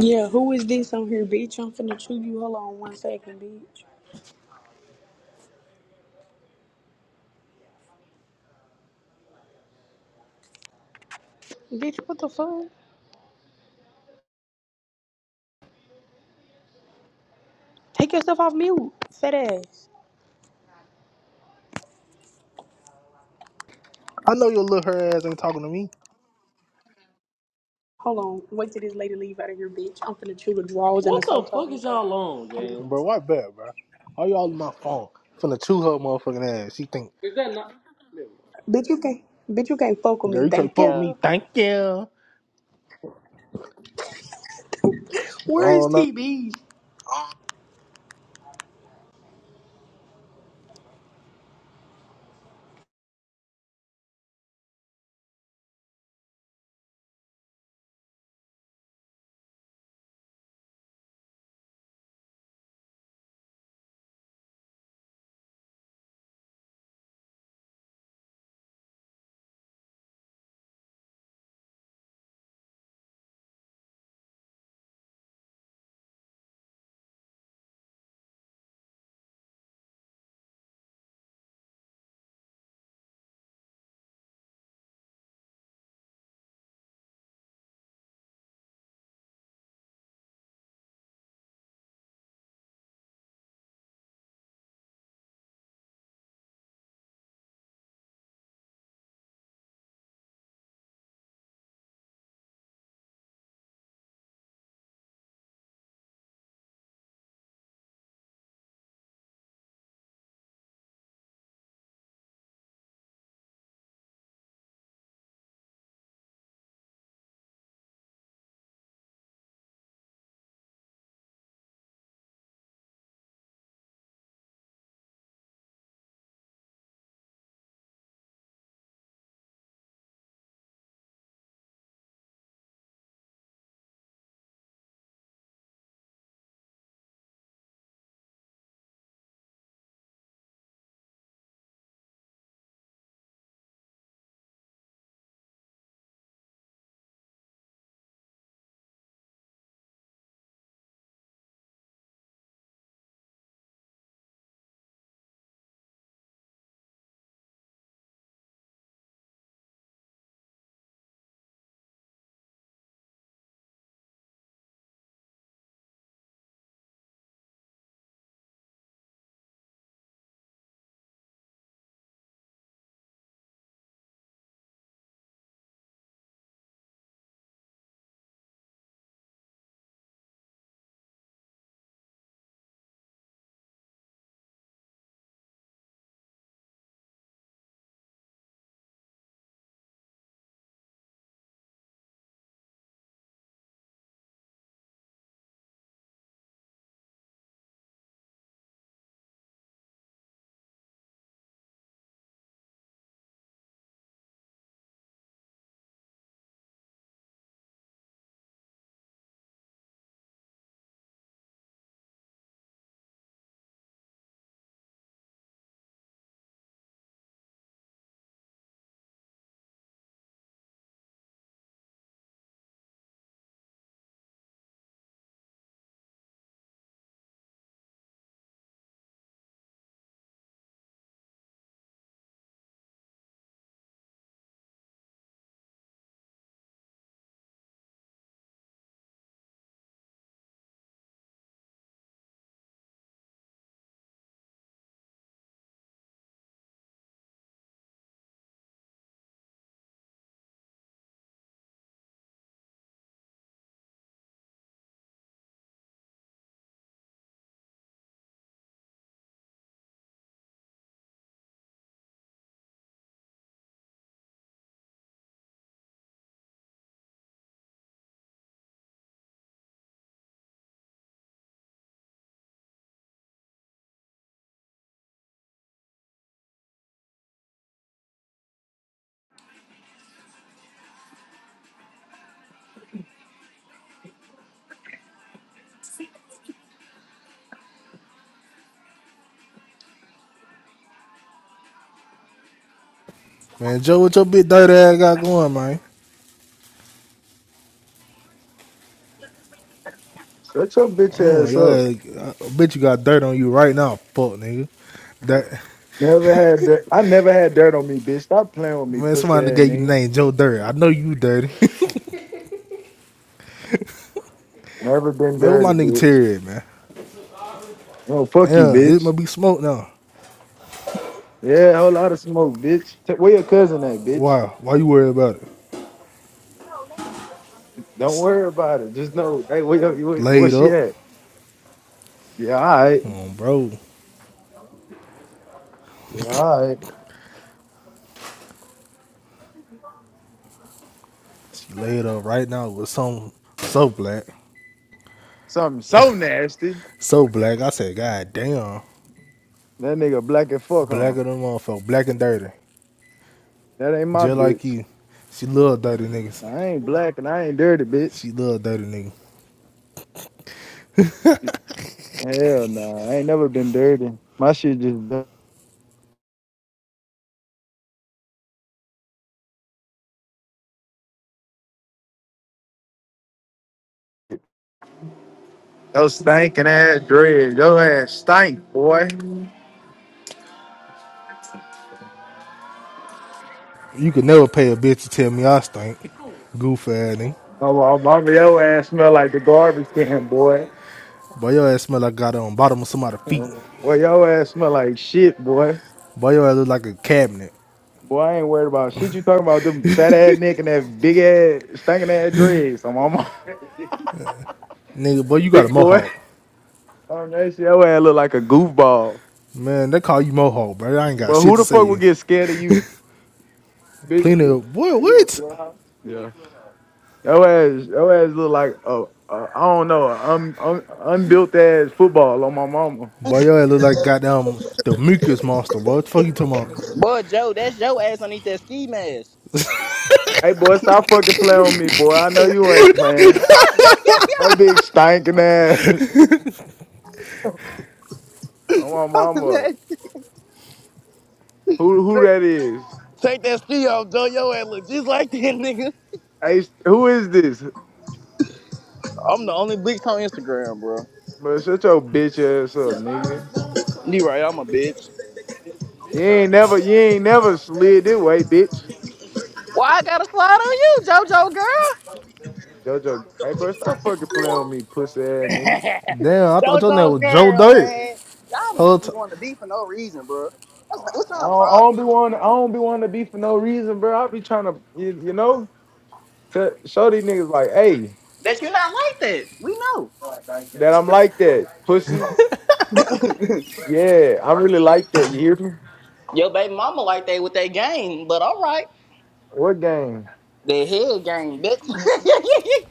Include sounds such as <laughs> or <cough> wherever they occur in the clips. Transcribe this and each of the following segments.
Yeah, who is this on here, bitch? I'm finna chew you. Hold on one second, bitch. Bitch, what the fuck? Take yourself off mute, fat ass. I know your little her ass ain't talking to me. Hold on. Wait till this lady leave out of here, bitch. I'm finna chew the drawers and the socks off you, hoe. Hold on. Bro, why bad, bro? Why y'all on my phone? Finna chew her motherfucking ass. She think, Bitch, you can't. Bitch, you can't fuck with me. girl, you can't Thank fuck me. you. Thank you. Where is Oh, no. TB? Man, Joe, what your big dirty ass got going, man? Shut your bitch Damn, ass your up. ass, I bet you got dirt on you right now, fuck nigga. That Never had dirt. I never had dirt on me, bitch. Stop playing with me, man, pussy somebody ass gave you the nigga. name Joe Dirty. I know you dirty. <laughs> Never been man, what dirty, my nigga bitch. Terry at, man? No, fuck you, Damn, it bitch. might be smoke now. Yeah, whole lot of smoke, bitch. T- Where your cousin at, bitch? Why? Why you worried about it? Don't worry about it. Just know, hey, where, your, where, where Laid she up, at? Yeah, all right. Come bro. Yeah, all right. She laid up right now with some so black. Something so nasty. So black. I said, God damn. That nigga black as fuck, huh? Blacker than motherfucker. Black and dirty. That ain't my Just like bitch. you. She love dirty niggas. I ain't black and I ain't dirty, bitch. She love dirty niggas. Hell nah, I ain't never been dirty. My shit just Yo stinking ass dread. Yo ass stink, boy. You could never pay a bitch to tell me I stink. Goof ass nigga. Oh, my mama, your ass smell like the garbage can, boy. Boy, your ass smell like I got on bottom of somebody's feet. Well, your ass smell like shit, boy. Boy, your ass look like a cabinet. Boy, I ain't worried about shit. You talking about them fat ass neck and that big ass stinking ass dread. So mama, Nigga, boy, you <laughs> got a big boy. mohawk. Oh, that shit, your ass look like a goofball. Man, they call you mohawk, bro. I ain't got But shit who to the say to fuck would you. get scared of you, bitch? Plenty of boy, Are you on what? clubhouse? Yeah. Your ass, your ass look like a, a I don't know, a un, un, unbuilt ass football on my mama. Boy, your ass look like goddamn the mucus monster, boy. What the fuck you talking about? Boy, Joe, that's your ass underneath that ski mask. Hey boy, stop fucking playing with me, boy. I know you ain't playing. No big stinking ass. <laughs> Oh my mama. Who who that is? Take that ski off, Joe. Your ass look just like that <laughs> nigga. Hey, who is this? I'm the only bitch on Instagram, bro. Bro, shut your bitch ass up, nigga. You right, I'm a bitch. You ain't never you ain't never slid this way, bitch. Why I gotta slide on you, JoJo girl? Jojo, hey bro, stop fucking playing with me, pussy ass nigga. <laughs> Damn, I thought your name JoJo's was Joe girl, Dirt. man. Y'all Whole just be t- wanting to be for no reason, bro. That's, like, what's I our don't, I problem? don't be want I don't be wanting to be for no reason, bro. I be trying to you, you know to show these niggas like, hey, That you not like that. We that I'm like that, pussy. know. Yeah, I really like that. You hear me? <laughs> Your baby mama like that with that game, but all right. What game? The head game, bitch. <laughs> yeah.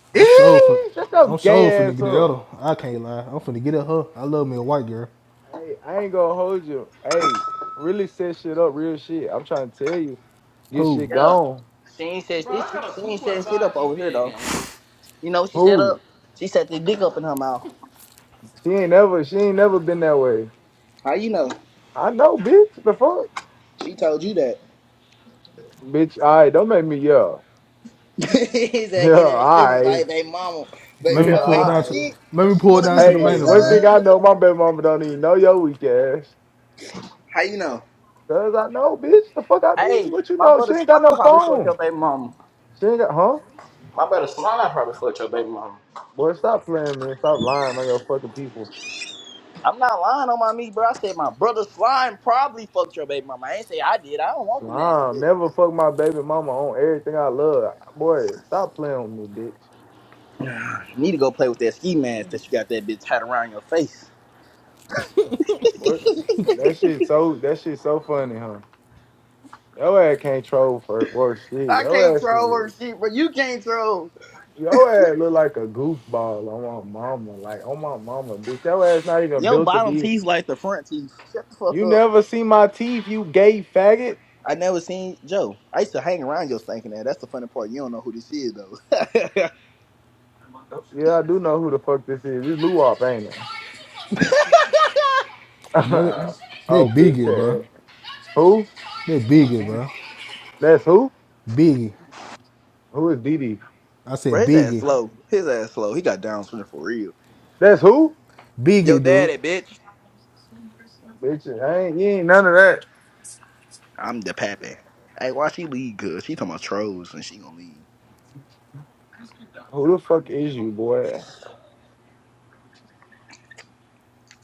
<laughs> I'm so for, Eee, Shut your I'm so for gay ass nigga the up. other. I can't lie. I'm finna get at her. I love me a white girl. Hey, I ain't gonna hold you. Hey, really set shit up, real shit. I'm trying to tell you, get Who? shit Yeah. gone. She ain't said this. She ain't saying shit up over here, though. You know what she set Who? up? She set the dick up in her mouth. She ain't never, she ain't never been that way. How you know? I know, bitch. The fuck, She told you that. bitch. All right, don't make me yell. <laughs> <laughs> He's that Yeah, all getting in his feelings right. like they mama. <laughs> Let baby me Yeah, all mama pull it ain't down to, shit. let me right. She pull gonna it let down me to see the my Hey, main one man. thing son. I Look know, at my that. baby mama don't even know your weak ass. How you know? Cause I know, bitch. The fuck I mean? Hey, What you my know? She brother ain't got Slime no probably fucked phone. your baby mama. She ain't got, huh? My brother Slime probably fucked your baby mama. Boy, stop playing, man. Stop lying on your fucking people. I'm not lying on my meat, bro. I said my brother Slime probably fucked your baby mama. I ain't say I did. I don't want the nasty Nah, bitch. never fuck my baby mama on everything I love. Boy, stop playing with me, bitch. <sighs> You need to go play with that ski mask that you got that bitch tied around your face. What? That shit so that shit so funny, huh? Your ass can't troll for worse shit. I Your can't ass, troll her is- shit, but you can't troll. your ass look like a goofball on my mama. Like on my mama, bitch. Your ass not even Your built to bottom be. teeth like the front teeth. <laughs> Shut the fuck You up. never see my teeth, you gay faggot. I never seen Joe. I used to hang around your stinking ass. That's the funny part. You don't know who this is though. <laughs> Yeah, I do know who the fuck this is. This Luwop, ain't Let it? <laughs> They oh, bitch biggie, bro. ass. Who? They biggie, bro. That's who? Biggie. Who is Dee I Bro, said his ass biggie. slow. His ass slow. He got down syndrome for real. That's who? Yo, Biggie, dude. daddy, bitch. Bitch, I ain't, you ain't none of that. I'm the pappy. Hey, why she leave? Cause she talking about trolls and she gonna leave. Who the fuck is you, boy?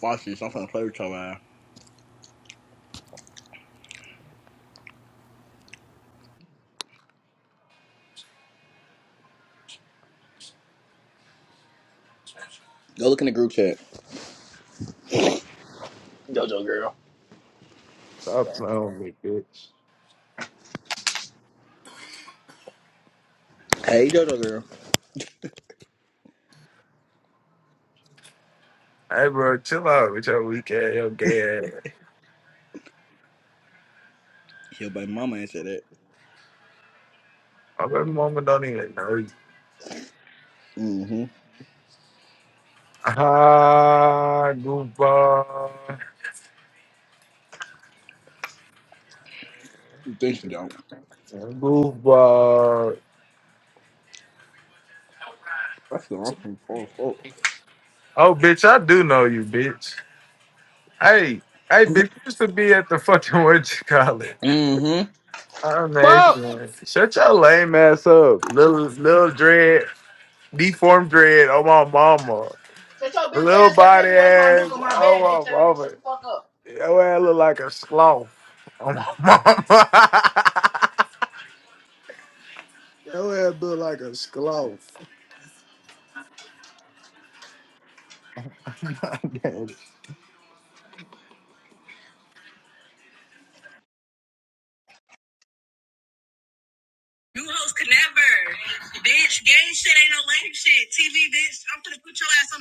Watch this. I'm finna play with your ass. Go look in the group chat. Jojo girl. Stop playing with me, bitch. Hey, Jojo girl. Hey, bro, chill out with your weak ass, your gay ass. Yo, baby mama ain't said that. My baby mama don't even know you. Mm-hmm. Ah, goofball. You think she don't? Goofball. That's the wrong thing. fuck. Oh, bitch, I do know you, bitch. Hey, hey, bitch, you used to be at the fucking <laughs> what you call it. Mm-hmm. I'm Fuck! asking. Shut your lame ass up. Little, little dread, deformed dread. Oh, my mama. Shut your bitch Little ass up. You made body me waste my ass. milk on my Oh, bed, bitch over. ass. Nigga, shut over. the fuck up. Your ass look like a sloth. <laughs> Oh, my mama. <laughs> Your ass look like a sloth. <laughs> You hoes can never. Bitch, gay shit ain't no lame shit. TV, bitch. I'm gonna put your ass on